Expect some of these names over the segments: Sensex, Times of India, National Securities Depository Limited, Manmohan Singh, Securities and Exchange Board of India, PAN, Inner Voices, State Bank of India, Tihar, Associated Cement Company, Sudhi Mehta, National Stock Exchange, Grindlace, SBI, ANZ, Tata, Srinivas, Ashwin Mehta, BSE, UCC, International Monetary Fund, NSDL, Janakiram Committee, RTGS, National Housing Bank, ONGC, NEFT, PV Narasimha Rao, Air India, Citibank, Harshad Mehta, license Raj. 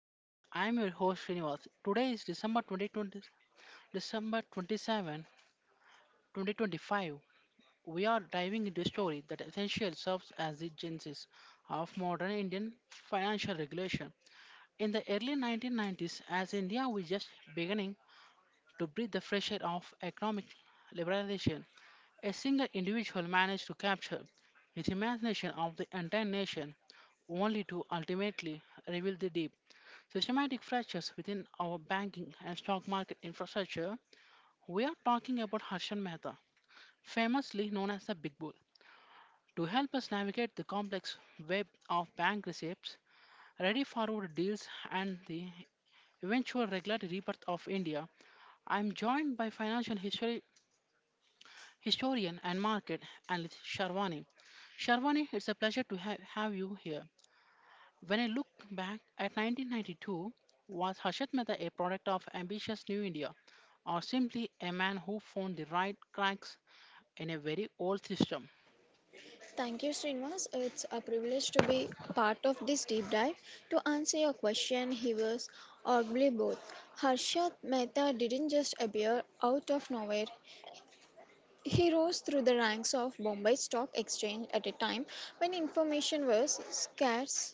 Chronicles. I'm your host Srinivas. Today is December 27, 2025. We are diving into a story that essentially serves as the genesis of modern Indian financial regulation. In the early 1990s, as India was just beginning to breathe the fresh air of economic liberalization, a single individual managed to capture the imagination of the entire nation, only to ultimately reveal the deep systematic fractures within our banking and stock market infrastructure. We are talking about Harshan Mehta, famously known as the Big Bull. To help us navigate the complex web of bank receipts, ready forward deals, and the eventual regulatory rebirth of India, I am joined by financial historian and market analyst Sharwani. Sharwani, it's a pleasure to have you here. When I look back at 1992, was Harshad Mehta a product of ambitious New India or simply a man who found the right cracks in a very old system? Thank you, Srinivas. It's a privilege to be part of this deep dive. To answer your question, he was arguably both. Harshad Mehta didn't just appear out of nowhere. He rose through the ranks of Bombay Stock Exchange at a time when information was scarce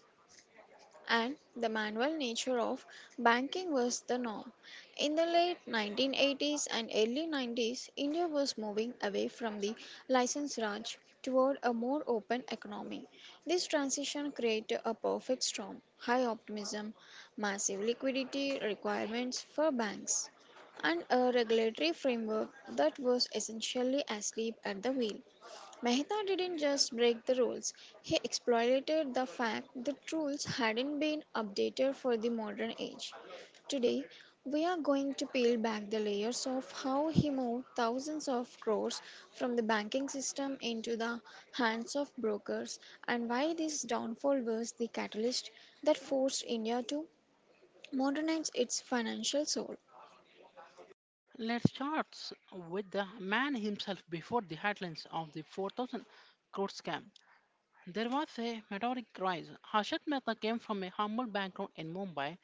and the manual nature of banking was the norm. In the late 1980s and early 90s, India was moving away from the license Raj toward a more open economy. This transition created a perfect storm high optimism, massive liquidity requirements for banks, and a regulatory framework that was essentially asleep at the wheel. Mehta didn't just break the rules, he exploited the fact that rules hadn't been updated for the modern age. Today, we are going to peel back the layers of how he moved thousands of crores from the banking system into the hands of brokers and why this downfall was the catalyst that forced India to modernize its financial soul. Let's start with the man himself before the headlines of the 4,000 crore scam. There was a meteoric rise. Harshad Mehta came from a humble background in Mumbai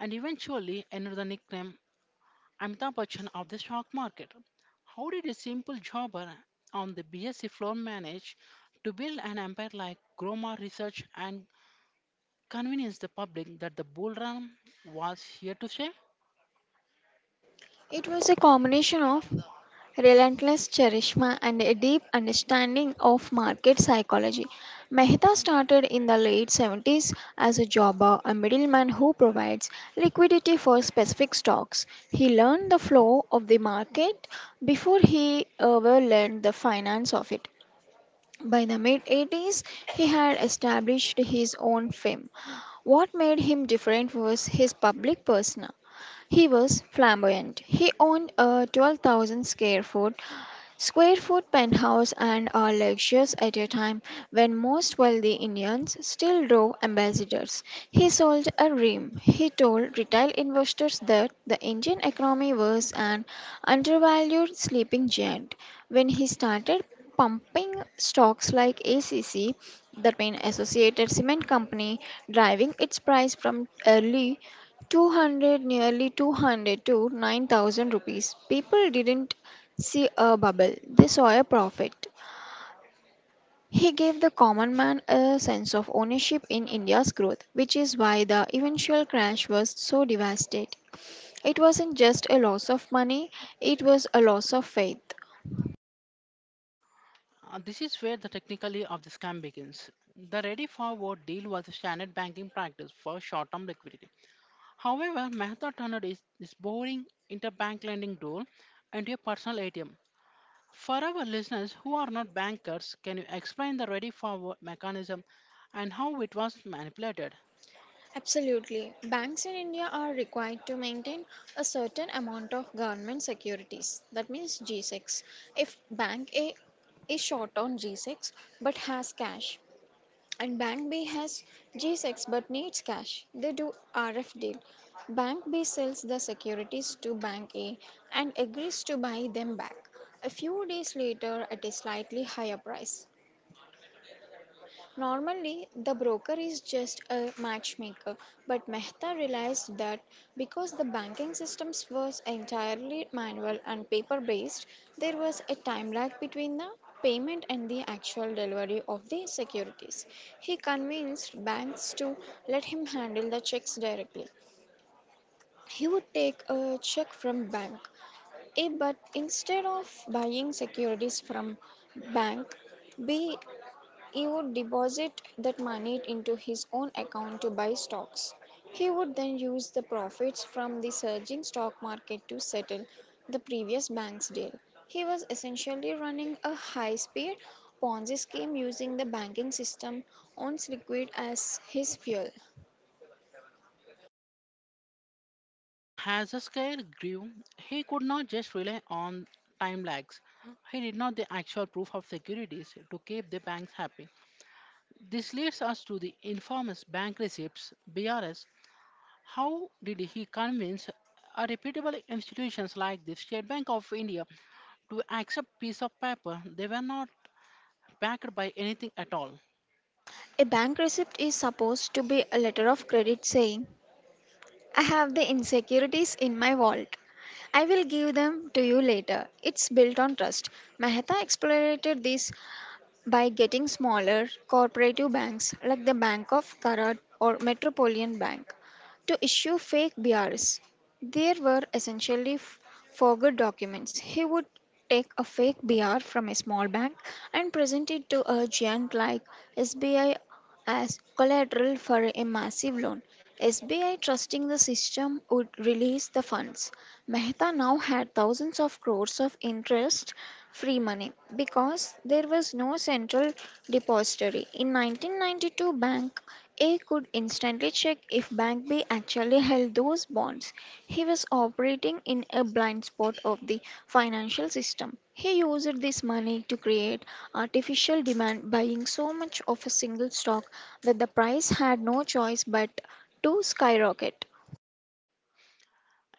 and eventually earned the nickname Amitabh Bachchan of the stock market. How did a simple jobber on the BSc floor manage to build an empire like Groma Research and convince the public that the bull run was here to stay? It was a combination of relentless charisma, and a deep understanding of market psychology. Mehta started in the late 70s as a jobber, a middleman who provides liquidity for specific stocks. He learned the flow of the market before he ever learned the finance of it. By the mid 80s, he had established his own fame. What made him different was his public persona. He was flamboyant. He owned a 12,000 square foot penthouse and a luxurious at a time when most wealthy Indians still drove ambassadors. He sold a dream. He told retail investors that the Indian economy was an undervalued sleeping giant. When he started pumping stocks like ACC, that means Associated Cement Company, driving its price from early 200, nearly 200, to 9,000 rupees. People didn't see a bubble, they saw a profit. He gave the common man a sense of ownership in India's growth, which is why the eventual crash was so devastating. It wasn't just a loss of money, it was a loss of faith. This is where the technically of the scam begins. The ready forward deal was a standard banking practice for short-term liquidity. However, Mehta turned is boring interbank lending tool into a personal ATM. For our listeners who are not bankers, can you explain the ready forward mechanism and how it was manipulated? Absolutely. Banks in India are required to maintain a certain amount of government securities. That means G6. If bank A is short on G6 but has cash and bank B has G6 but needs cash, they do RF deal. Bank B sells the securities to bank A and agrees to buy them back a few days later at a slightly higher price. Normally, the broker is just a matchmaker, but Mehta realized that because the banking systems was entirely manual and paper based, there was a time lag between the payment and the actual delivery of the securities. He convinced banks to let him handle the checks directly. He would take a check from bank A, but instead of buying securities from bank B, he would deposit that money into his own account to buy stocks. He would then use the profits from the surging stock market to settle the previous bank's deal. He was essentially running a high speed Ponzi scheme using the banking system on liquid as his fuel. As the scale grew, he could not just rely on time lags. He did not the actual proof of securities to keep the banks happy. This leads us to the infamous bank receipts (BRS). How did he convince a reputable institutions like the State Bank of India to accept piece of paper they were not backed by anything at all? A bank receipt is supposed to be a letter of credit saying, "I have the insecurities in my vault. I will give them to you later." It's built on trust. Mehta exploited this by getting smaller cooperative banks like the Bank of Karad or Metropolitan Bank to issue fake BRS. There were essentially forged documents. He would take a fake BR from a small bank and present it to a giant like SBI as collateral for a massive loan. SBI, trusting the system, would release the funds. Mehta now had thousands of crores of interest free money because there was no central depository. In 1992, Bank A could instantly check if Bank B actually held those bonds. He was operating in a blind spot of the financial system. He used this money to create artificial demand, buying so much of a single stock that the price had no choice but to skyrocket.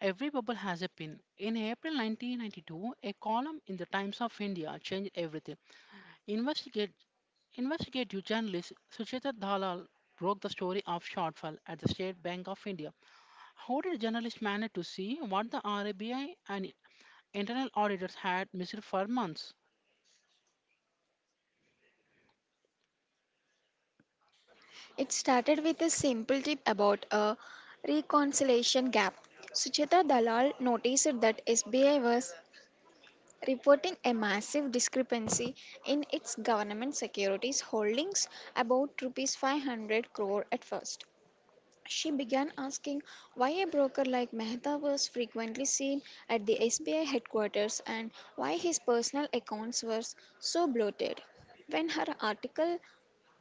Every bubble has a pin. In April 1992, a column in the Times of India changed everything. Investigate Investigative journalist Sucheta Dalal broke the story of shortfall at the State Bank of India. How did journalists manage to see what the RBI and internal auditors had missed for months? It started with a simple tip about a reconciliation gap. Sucheta Dalal noticed that SBI was reporting a massive discrepancy in its government securities holdings, about rupees 500 crore at first. She began asking why a broker like Mehta was frequently seen at the SBI headquarters and why his personal accounts were so bloated. When her article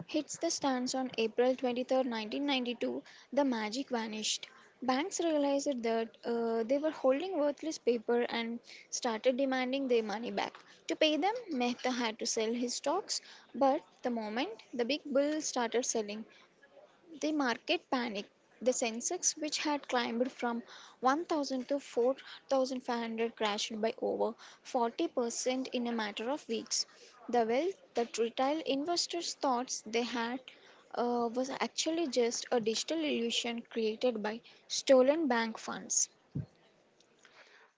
hits the stands on April 23, 1992, the magic vanished. Banks realized that they were holding worthless paper and started demanding their money back. To pay them, Mehta had to sell his stocks, but the moment the big bull started selling, the market panicked. The Sensex, which had climbed from 1,000 to 4,500, crashed by over 40% in a matter of weeks. The wealth that retail investors thought they had was actually just a digital illusion created by stolen bank funds.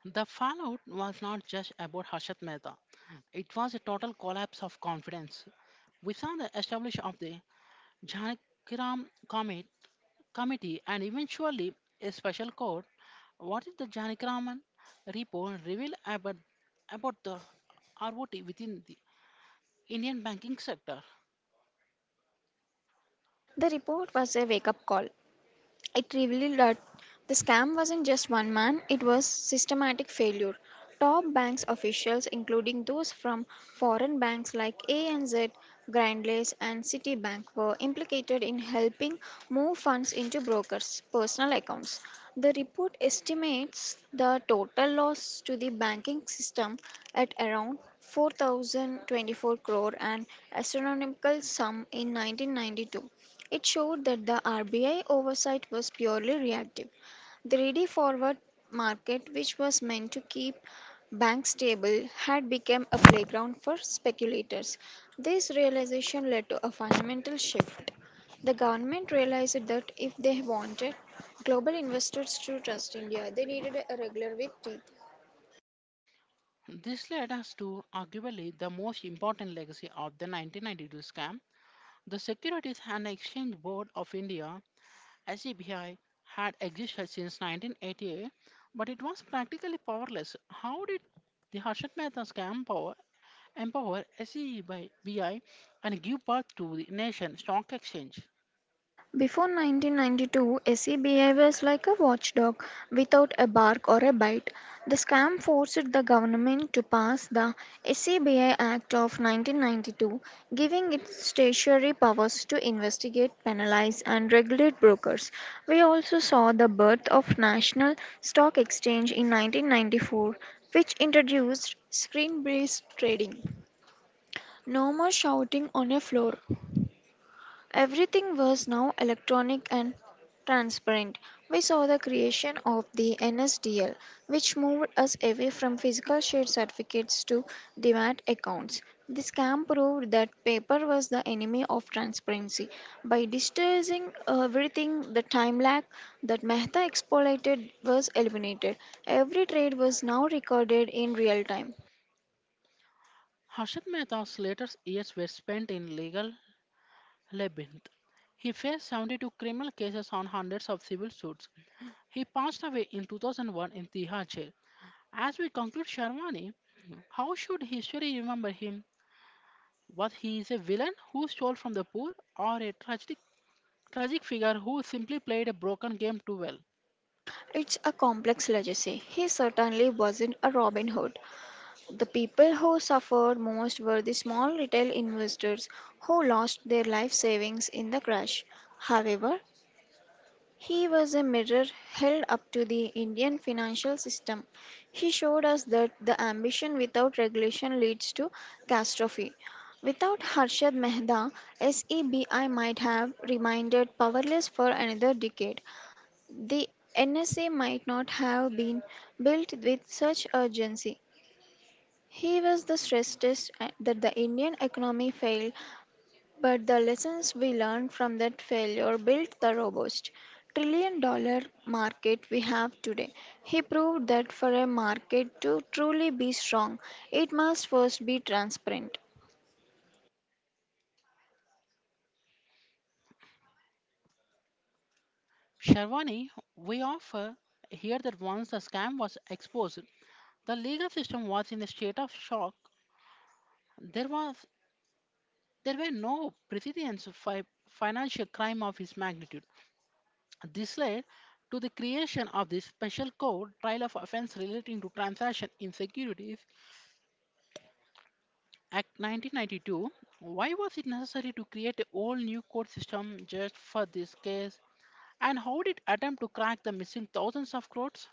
The fallout was not just about Harshat Mehta. It was a total collapse of confidence. We saw the establishment of the Janakiram Commit- Committee and eventually a special court. What did the Janikiraman report reveal about the rot within the Indian banking sector? The report was a wake up call. It revealed that the scam wasn't just one man, it was systematic failure. Top banks officials, including those from foreign banks like ANZ, Grindlace, and Citibank, were implicated in helping move funds into brokers' personal accounts. The report estimates the total loss to the banking system at around 4,024 crore, an astronomical sum in 1992. It showed that the RBI oversight was purely reactive. The ready forward market, which was meant to keep banks stable, had become a playground for speculators. This realization led to a fundamental shift. The government realized that if they wanted global investors to trust India, they needed a regular with teeth. This led us to arguably the most important legacy of the 1992 scam. The Securities and Exchange Board of India (SEBI) had existed since 1988, but it was practically powerless. How did the Harshad Mehta scam power empower SEBI and give birth to the nation stock exchange? Before 1992, SE behaves like a watchdog without a bark or a bite. The scam forced the government to pass the SEBI Act of 1992, giving it statutory powers to investigate, penalize, and regulate brokers. We also saw the birth of National Stock Exchange in 1994, which introduced screen-based trading. No more shouting on a floor. Everything was now electronic and transparent. We saw the creation of the NSDL, which moved us away from physical share certificates to demat accounts. This scam proved that paper was the enemy of transparency. By digitizing everything, the time lag that Mehta exploited was eliminated. Every trade was now recorded in real time. Harshad Mehta's later years were spent in legal labyrinth. He faced 72 criminal cases on hundreds of civil suits. He passed away in 2001 in Tihar jail. As we conclude, Sharmani, how should history remember him? Was he is a villain who stole from the poor or a tragic figure who simply played a broken game too well? It's a complex legacy. He certainly wasn't a Robin Hood. The people who suffered most were the small retail investors who lost their life savings in the crash. However, he was a mirror held up to the Indian financial system. He showed us that the ambition without regulation leads to catastrophe. Without Harshad Mehta, SEBI might have remained powerless for another decade. The NSA might not have been built with such urgency. He was the stress test that the Indian economy failed, but the lessons we learned from that failure built the robust trillion dollar market we have today. He proved that for a market to truly be strong, it must first be transparent. Sharwani, we offer here that once the scam was exposed, the legal system was in a state of shock. There was there were no precedents for financial crime of his magnitude. This led to the creation of the Special Court Trial of Offense Relating to Transaction in Securities Act 1992. Why was it necessary to create a whole new court system just for this case? And how did attempt to crack the missing thousands of crores?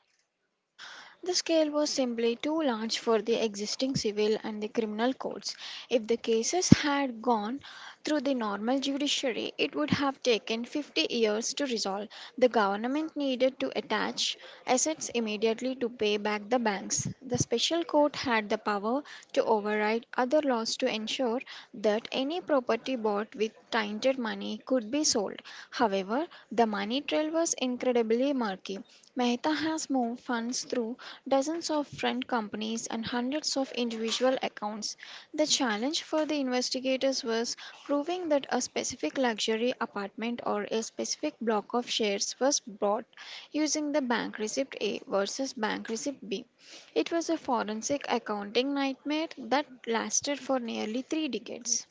The scale was simply too large for the existing civil and the criminal courts. If the cases had gone through the normal judiciary, it would have taken 50 years to resolve. The government needed to attach assets immediately to pay back the banks. The special court had the power to override other laws to ensure that any property bought with tainted money could be sold. However, the money trail was incredibly murky. Mehta has moved funds through dozens of friend companies and hundreds of individual accounts. The challenge for the investigators was proving that a specific luxury apartment or a specific block of shares was bought using the bank receipt A versus bank receipt B. It was a forensic accounting nightmare that lasted for nearly 3 decades.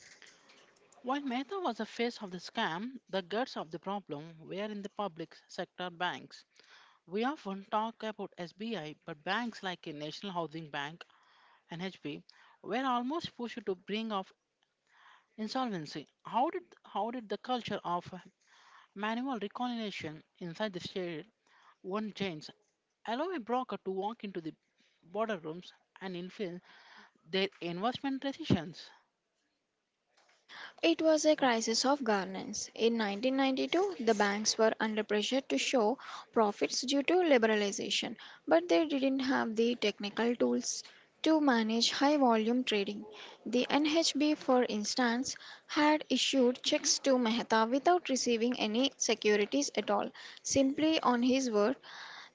While Mehta was the face of the scam, the guts of the problem were in the public sector banks. We often talk about SBI, but banks like a National Housing Bank, NHB, were almost pushed to bring off insolvency. How did the culture of manual reconciliation inside the state one change? Allow a broker to walk into the border rooms and influence their investment decisions. It was a What's- crisis of governance. In 1992, the banks were under pressure to show profits due to liberalization, but they didn't have the technical tools to manage high volume trading. The NHB, for instance, had issued checks to Mehta without receiving any securities at all, simply on his word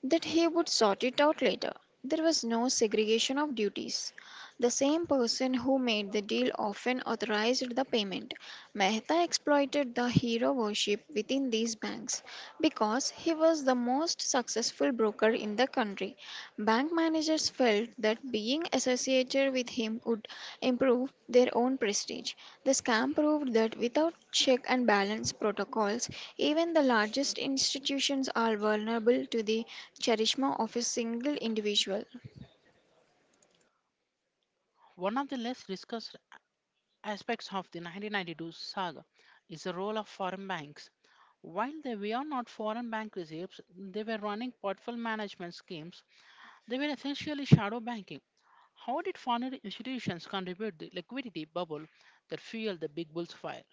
that he would sort it out later. There was no segregation of duties. The same person who made the deal often authorized the payment. Mehta exploited the hero worship within these banks because he was the most successful broker in the country. Bank managers felt that being associated with him would improve their own prestige. The scam proved that without check and balance protocols, even the largest institutions are vulnerable to the charisma of a single individual. One of the less discussed aspects of the 1992 saga is the role of foreign banks. While they were not foreign bank reserves, they were running portfolio management schemes. They were essentially shadow banking. How did financial institutions contribute the liquidity bubble that fueled the big bull's fire?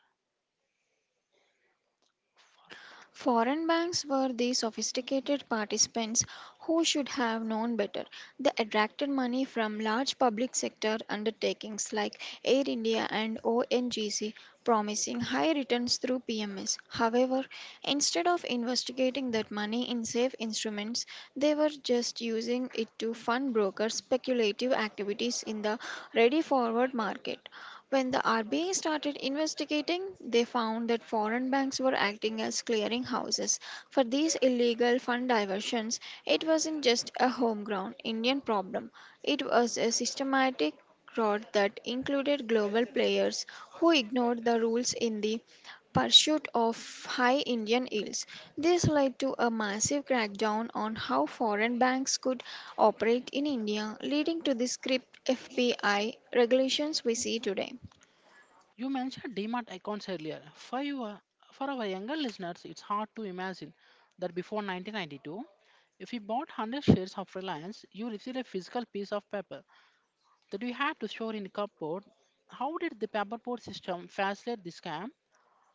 Foreign banks were the sophisticated participants who should have known better. They attracted money from large public sector undertakings like Air India and ONGC, promising high returns through PMS. However, instead of investigating that money in safe instruments, they were just using it to fund brokers' speculative activities in the ready forward market. When the RBI started investigating, they found that foreign banks were acting as clearing houses for these illegal fund diversions. It wasn't just a homegrown Indian problem, it was a systematic fraud that included global players who ignored the rules in the pursuit of high Indian yields. This led to a massive crackdown on how foreign banks could operate in India, leading to the script FPI regulations we see today. You mentioned DMAT accounts earlier. For our younger listeners, it's hard to imagine that before 1992, if you bought 100 shares of Reliance, you received a physical piece of paper that you had to store in a cupboard. How did the paperboard system facilitate the scam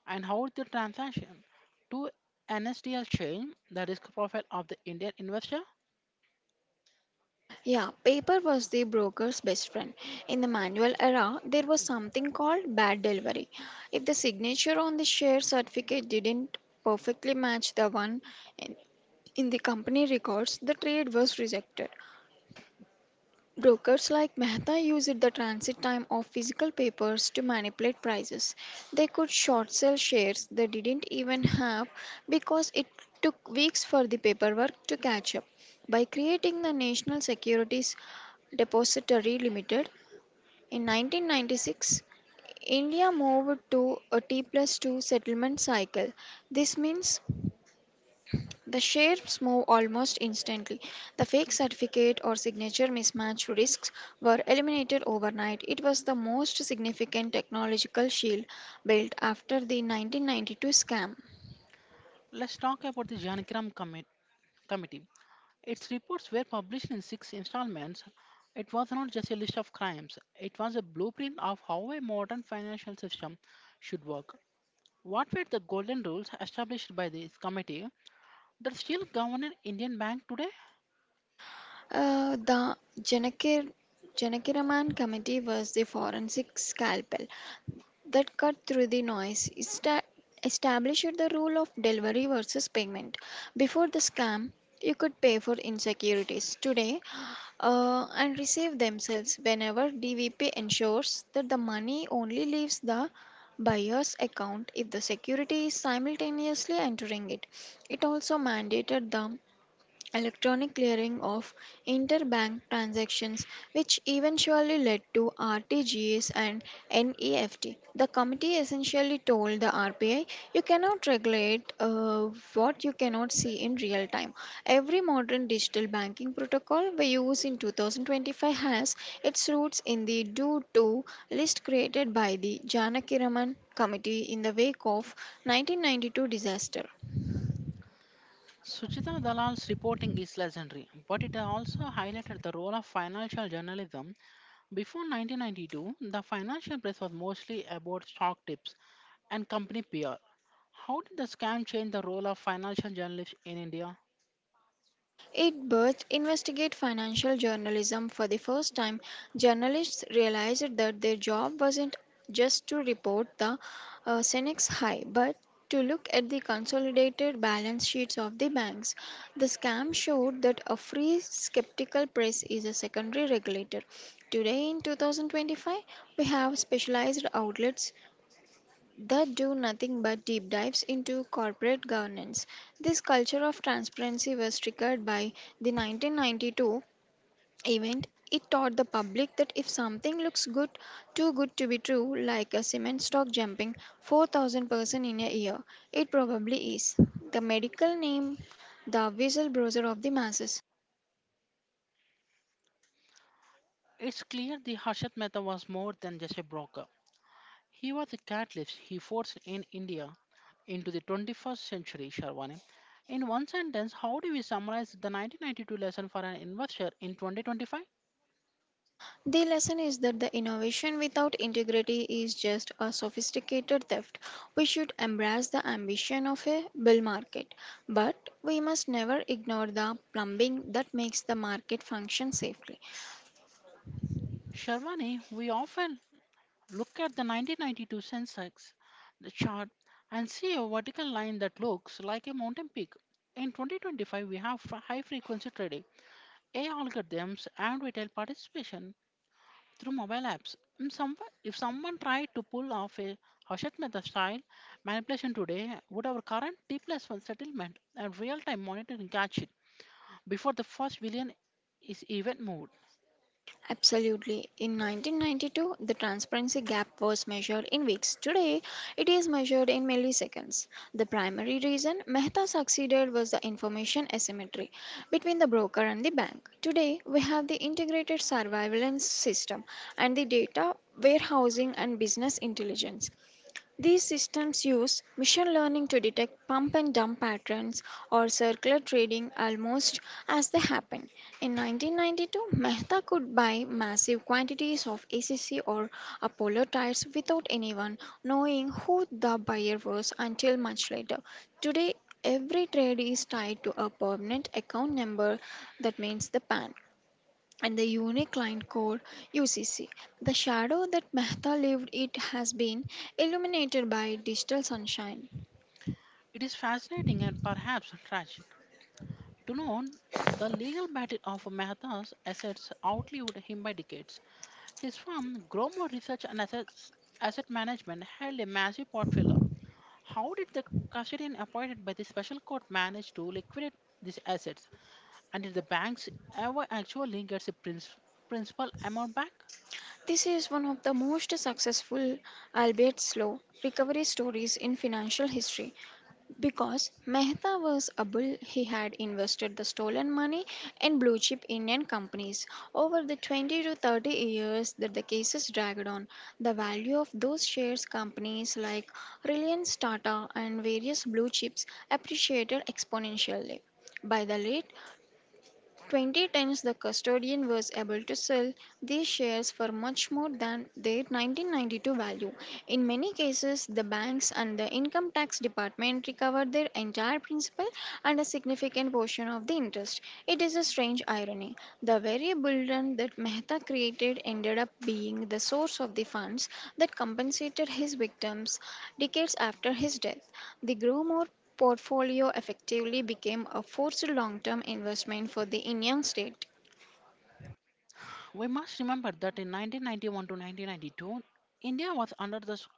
and how did the transaction to NSDL change the risk profile of the Indian investor? Yeah, paper was the broker's best friend. In the manual era, there was something called bad delivery. If the signature on the share certificate didn't perfectly match the one in in the company records, the trade was rejected. Brokers like Mehta used the transit time of physical papers to manipulate prices. They could short sell shares they didn't even have because it took weeks for the paperwork to catch up. By creating the National Securities Depository Limited in 1996, India moved to a T plus 2 settlement cycle. This means the shares move almost instantly. The fake certificate or signature mismatch risks were eliminated overnight. It was the most significant technological shield built after the 1992 scam. Let's talk about the Janagram Committee. Its reports were published in six installments. It was not just a list of crimes, it was a blueprint of how a modern financial system should work. What were the golden rules established by this committee that still govern Indian bank today? The Janakiraman committee was the forensic scalpel that cut through the noise. Established the rule of delivery versus payment. Before the scam, you could pay for insecurities today and receive themselves whenever DVP ensures that the money only leaves the buyer's account if the security is simultaneously entering it. It also mandated the electronic clearing of interbank transactions, which eventually led to RTGS and NEFT. The committee essentially told the RBI, you cannot regulate what you cannot see in real time. Every modern digital banking protocol we use in 2025 has its roots in the do to list created by the Janakiraman Committee in the wake of 1992 disaster. Suchita Dalal's reporting is legendary, but it also highlighted the role of financial journalism. Before 1992, the financial press was mostly about stock tips and company PR. How did the scam change the role of financial journalists in India? It birthed investigate financial journalism for the first time. Journalists realized that their job wasn't just to report the Senex high, but to look at the consolidated balance sheets of the banks. The scam showed that a free skeptical press is a secondary regulator. Today in 2025, we have specialized outlets that do nothing but deep dives into corporate governance. This culture of transparency was triggered by the 1992 event. It taught the public that if something looks good, too good to be true, like a cement stock jumping 4000% in a year, it probably is. The medical name, the whistleblower of the masses. It's clear the Harshad Mehta was more than just a broker. He was a catalyst. He forced in India into the 21st century, Sharwani. In one sentence, how do we summarize the 1992 lesson for an investor in 2025? The lesson is that the innovation without integrity is just a sophisticated theft. We should embrace the ambition of a bull market, but we must never ignore the plumbing that makes the market function safely. Sharwani, we often look at the 1992 Sensex the chart and see a vertical line that looks like a mountain peak. In 2025, we have high frequency trading, AI algorithms, and retail participation through mobile apps. If someone tried to pull off a Hachette Mehta style manipulation today, would our current T plus one settlement and real time monitoring catch it before the first billion is even moved? Absolutely. In 1992, the transparency gap was measured in weeks. Today, it is measured in milliseconds. The primary reason Mehta succeeded was the information asymmetry between the broker and the bank. Today, we have the integrated surveillance system and the data warehousing and business intelligence. These systems use machine learning to detect pump and dump patterns or circular trading almost as they happen. In 1992, Mehta could buy massive quantities of ACC or Apollo tires without anyone knowing who the buyer was until much later. Today, every trade is tied to a permanent account number, that means the PAN, and the unique line code UCC. The shadow that Mehta lived it has been illuminated by digital sunshine. It is fascinating and perhaps tragic. To know the legal battle of Mehta's assets outlived him by decades. His firm, Gromor Research and Assets, Asset Management, held a massive portfolio. How did the custodian appointed by the special court manage to liquidate these assets. And if the banks ever actually gets a principal amount back, This is one of the most successful, albeit slow, recovery stories in financial history. Because Mehta was a bull, he had invested the stolen money in blue chip Indian companies. Over the 20 to 30 years that the cases dragged on, the value of those shares companies like Reliance Tata and various blue chips appreciated exponentially. By the late 20 times the custodian was able to sell these shares for much more than their 1992 value. In many cases, the banks and the income tax department recovered their entire principal and a significant portion of the interest. It is a strange irony. The very burden that Mehta created ended up being the source of the funds that compensated his victims decades after his death. They grow more portfolio effectively became a forced long term investment for the Indian state. we must remember that in 1991 to 1992, India was under the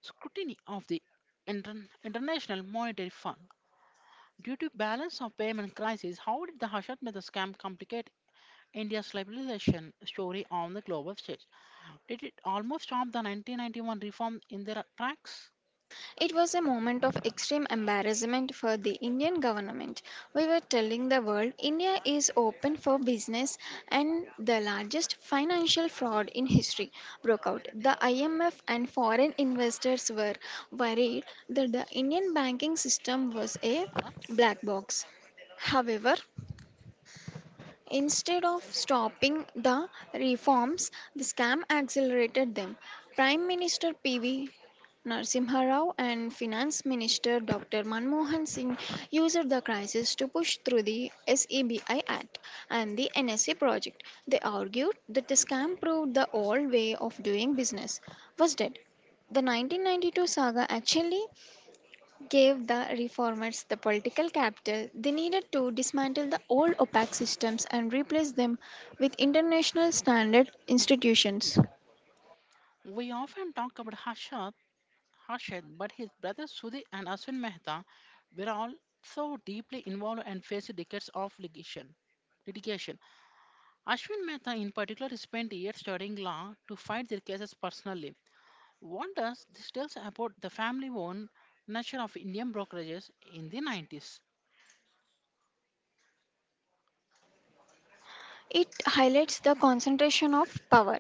scrutiny of the International Monetary Fund. Due to balance of payment crisis, how did the Hashad Mehta scam complicate India's liberalization story on the global stage? Did it almost stop the 1991 reform in their tracks? It was a moment of extreme embarrassment for the Indian government. We were telling the world India is open for business and the largest financial fraud in history broke out. The IMF and foreign investors were worried that the Indian banking system was a black box. However, instead of stopping the reforms, the scam accelerated them. Prime Minister PV Narasimha Rao and Finance Minister Dr. Manmohan Singh used the crisis to push through the SEBI Act and the NSA project. They argued that the scam proved the old way of doing business was dead. The 1992 saga actually gave the reformers the political capital they needed to dismantle the old opaque systems and replace them with international standard institutions. We often talk about Hashad Harshad, but his brothers Sudhi and Ashwin Mehta were all so deeply involved and faced decades of litigation. Ashwin Mehta, in particular, spent years studying law to fight their cases personally. What does this tell us about the family owned nature of Indian brokerages in the 90s? It highlights the concentration of power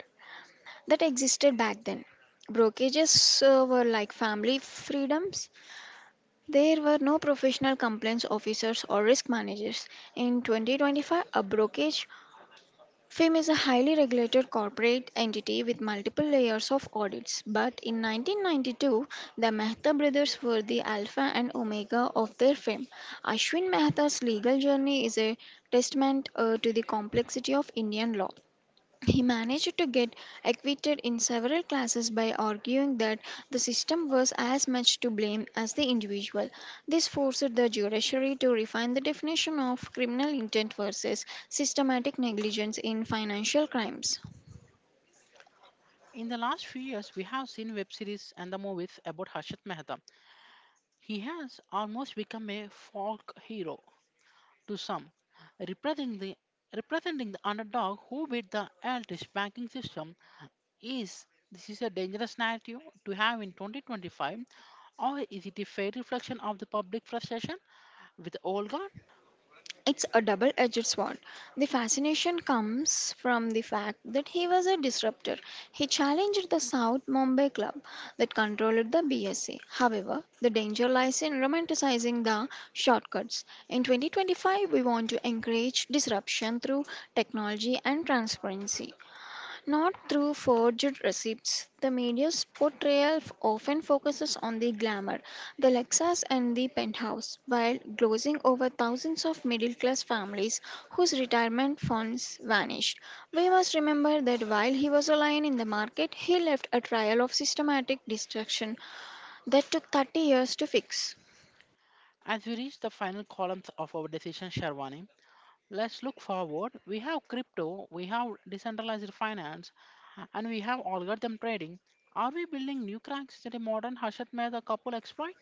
that existed back then. Brokerages were like family freedoms. There were no professional complaints officers or risk managers. In 2025, a brokerage FIM is a highly regulated corporate entity with multiple layers of audits, but in 1992, the Mehta brothers were the alpha and omega of their firm. Ashwin Mehta's legal journey is a testament to the complexity of Indian law. He managed to get acquitted in several classes by arguing that the system was as much to blame as the individual. This forced the judiciary to refine the definition of criminal intent versus systematic negligence in financial crimes. In the last few years, we have seen web series and the movies about Harshad Mehta. He has almost become a folk hero to some, representing the underdog who beat the elitist banking system. Is this is a dangerous narrative to have in 2025, or is it a fair reflection of the public frustration with the old god? It's a double edged sword. The fascination comes from the fact that he was a disruptor. He challenged the South Mumbai club that controlled the BSA. However, the danger lies in romanticizing the shortcuts. In 2025, we want to encourage disruption through technology and transparency. Not through forged receipts. The media's portrayal often focuses on the glamour, the Lexus and the penthouse, while glozing over thousands of middle class families whose retirement funds vanished. We must remember that while he was a lion in the market, he left a trail of systematic destruction that took 30 years to fix. As we reach the final columns of our decision, Sharwani, let's look forward. We have crypto, we have decentralized finance, and we have algorithm trading. Are we building new cracks that a modern Harshad Mehta couple exploit?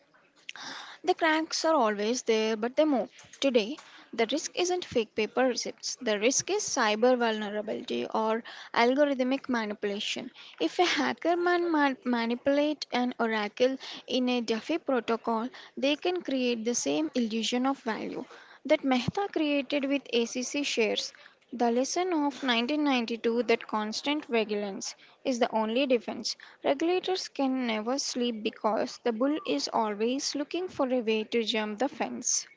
The cracks are always there, but they move. Today, the risk isn't fake paper receipts. The risk is cyber vulnerability or algorithmic manipulation. If a hacker manipulate an oracle in a Duffy protocol, they can create the same illusion of value that Mehta created with ACC shares. The lesson of 1992 that constant vigilance is the only defense. Regulators can never sleep because the bull is always looking for a way to jump the fence.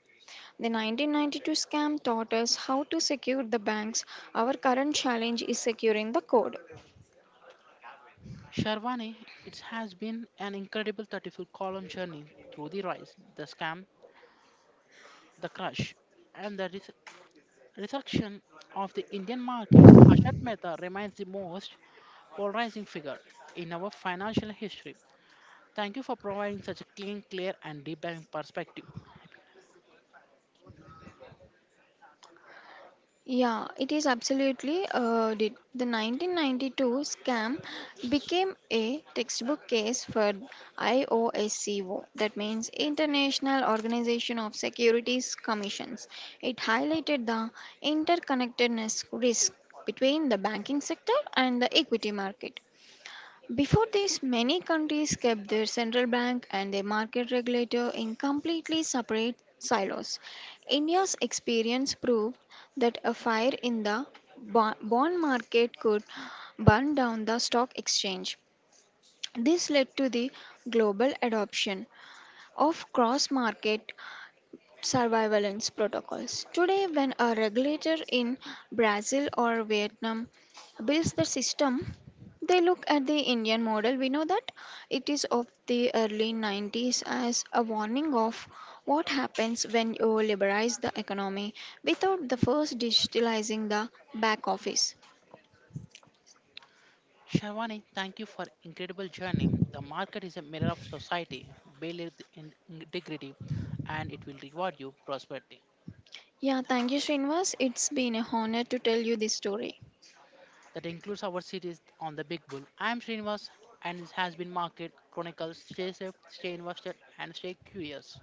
The 1992 scam taught us how to secure the banks. Our current challenge is securing the code. Sharwani, it has been an incredible 34 column journey through the rise, the scam, the crush, and the resurrection of the Indian markets. Ashat Mehta remains the most polarizing figure in our financial history. Thank you for providing such a clean, clear, and deep diving perspective. Yeah, it is absolutely did. The 1992 scam became a textbook case for IOSCO, that means International Organization of Securities Commissions. It highlighted the interconnectedness risk between the banking sector and the equity market. Before this, many countries kept their central bank and their market regulator in completely separate silos. India's experience proved that a fire in the bond market could burn down the stock exchange. This led to the global adoption of cross market surveillance protocols. Today, when a regulator in Brazil or Vietnam builds the system, they look at the Indian model. We know that it is of the early '90s as a warning of what happens when you liberalize the economy without the first digitalizing the back office. Sharwani, thank you for incredible journey. The market is a mirror of society. Build it in integrity, and it will reward you prosperity. Yeah, thank you, Srinivas. It's been a honor to tell you this story. That includes our series on the Big Bull. I am Srinivas and this has been Market Chronicles. Stay safe, stay invested, and stay curious.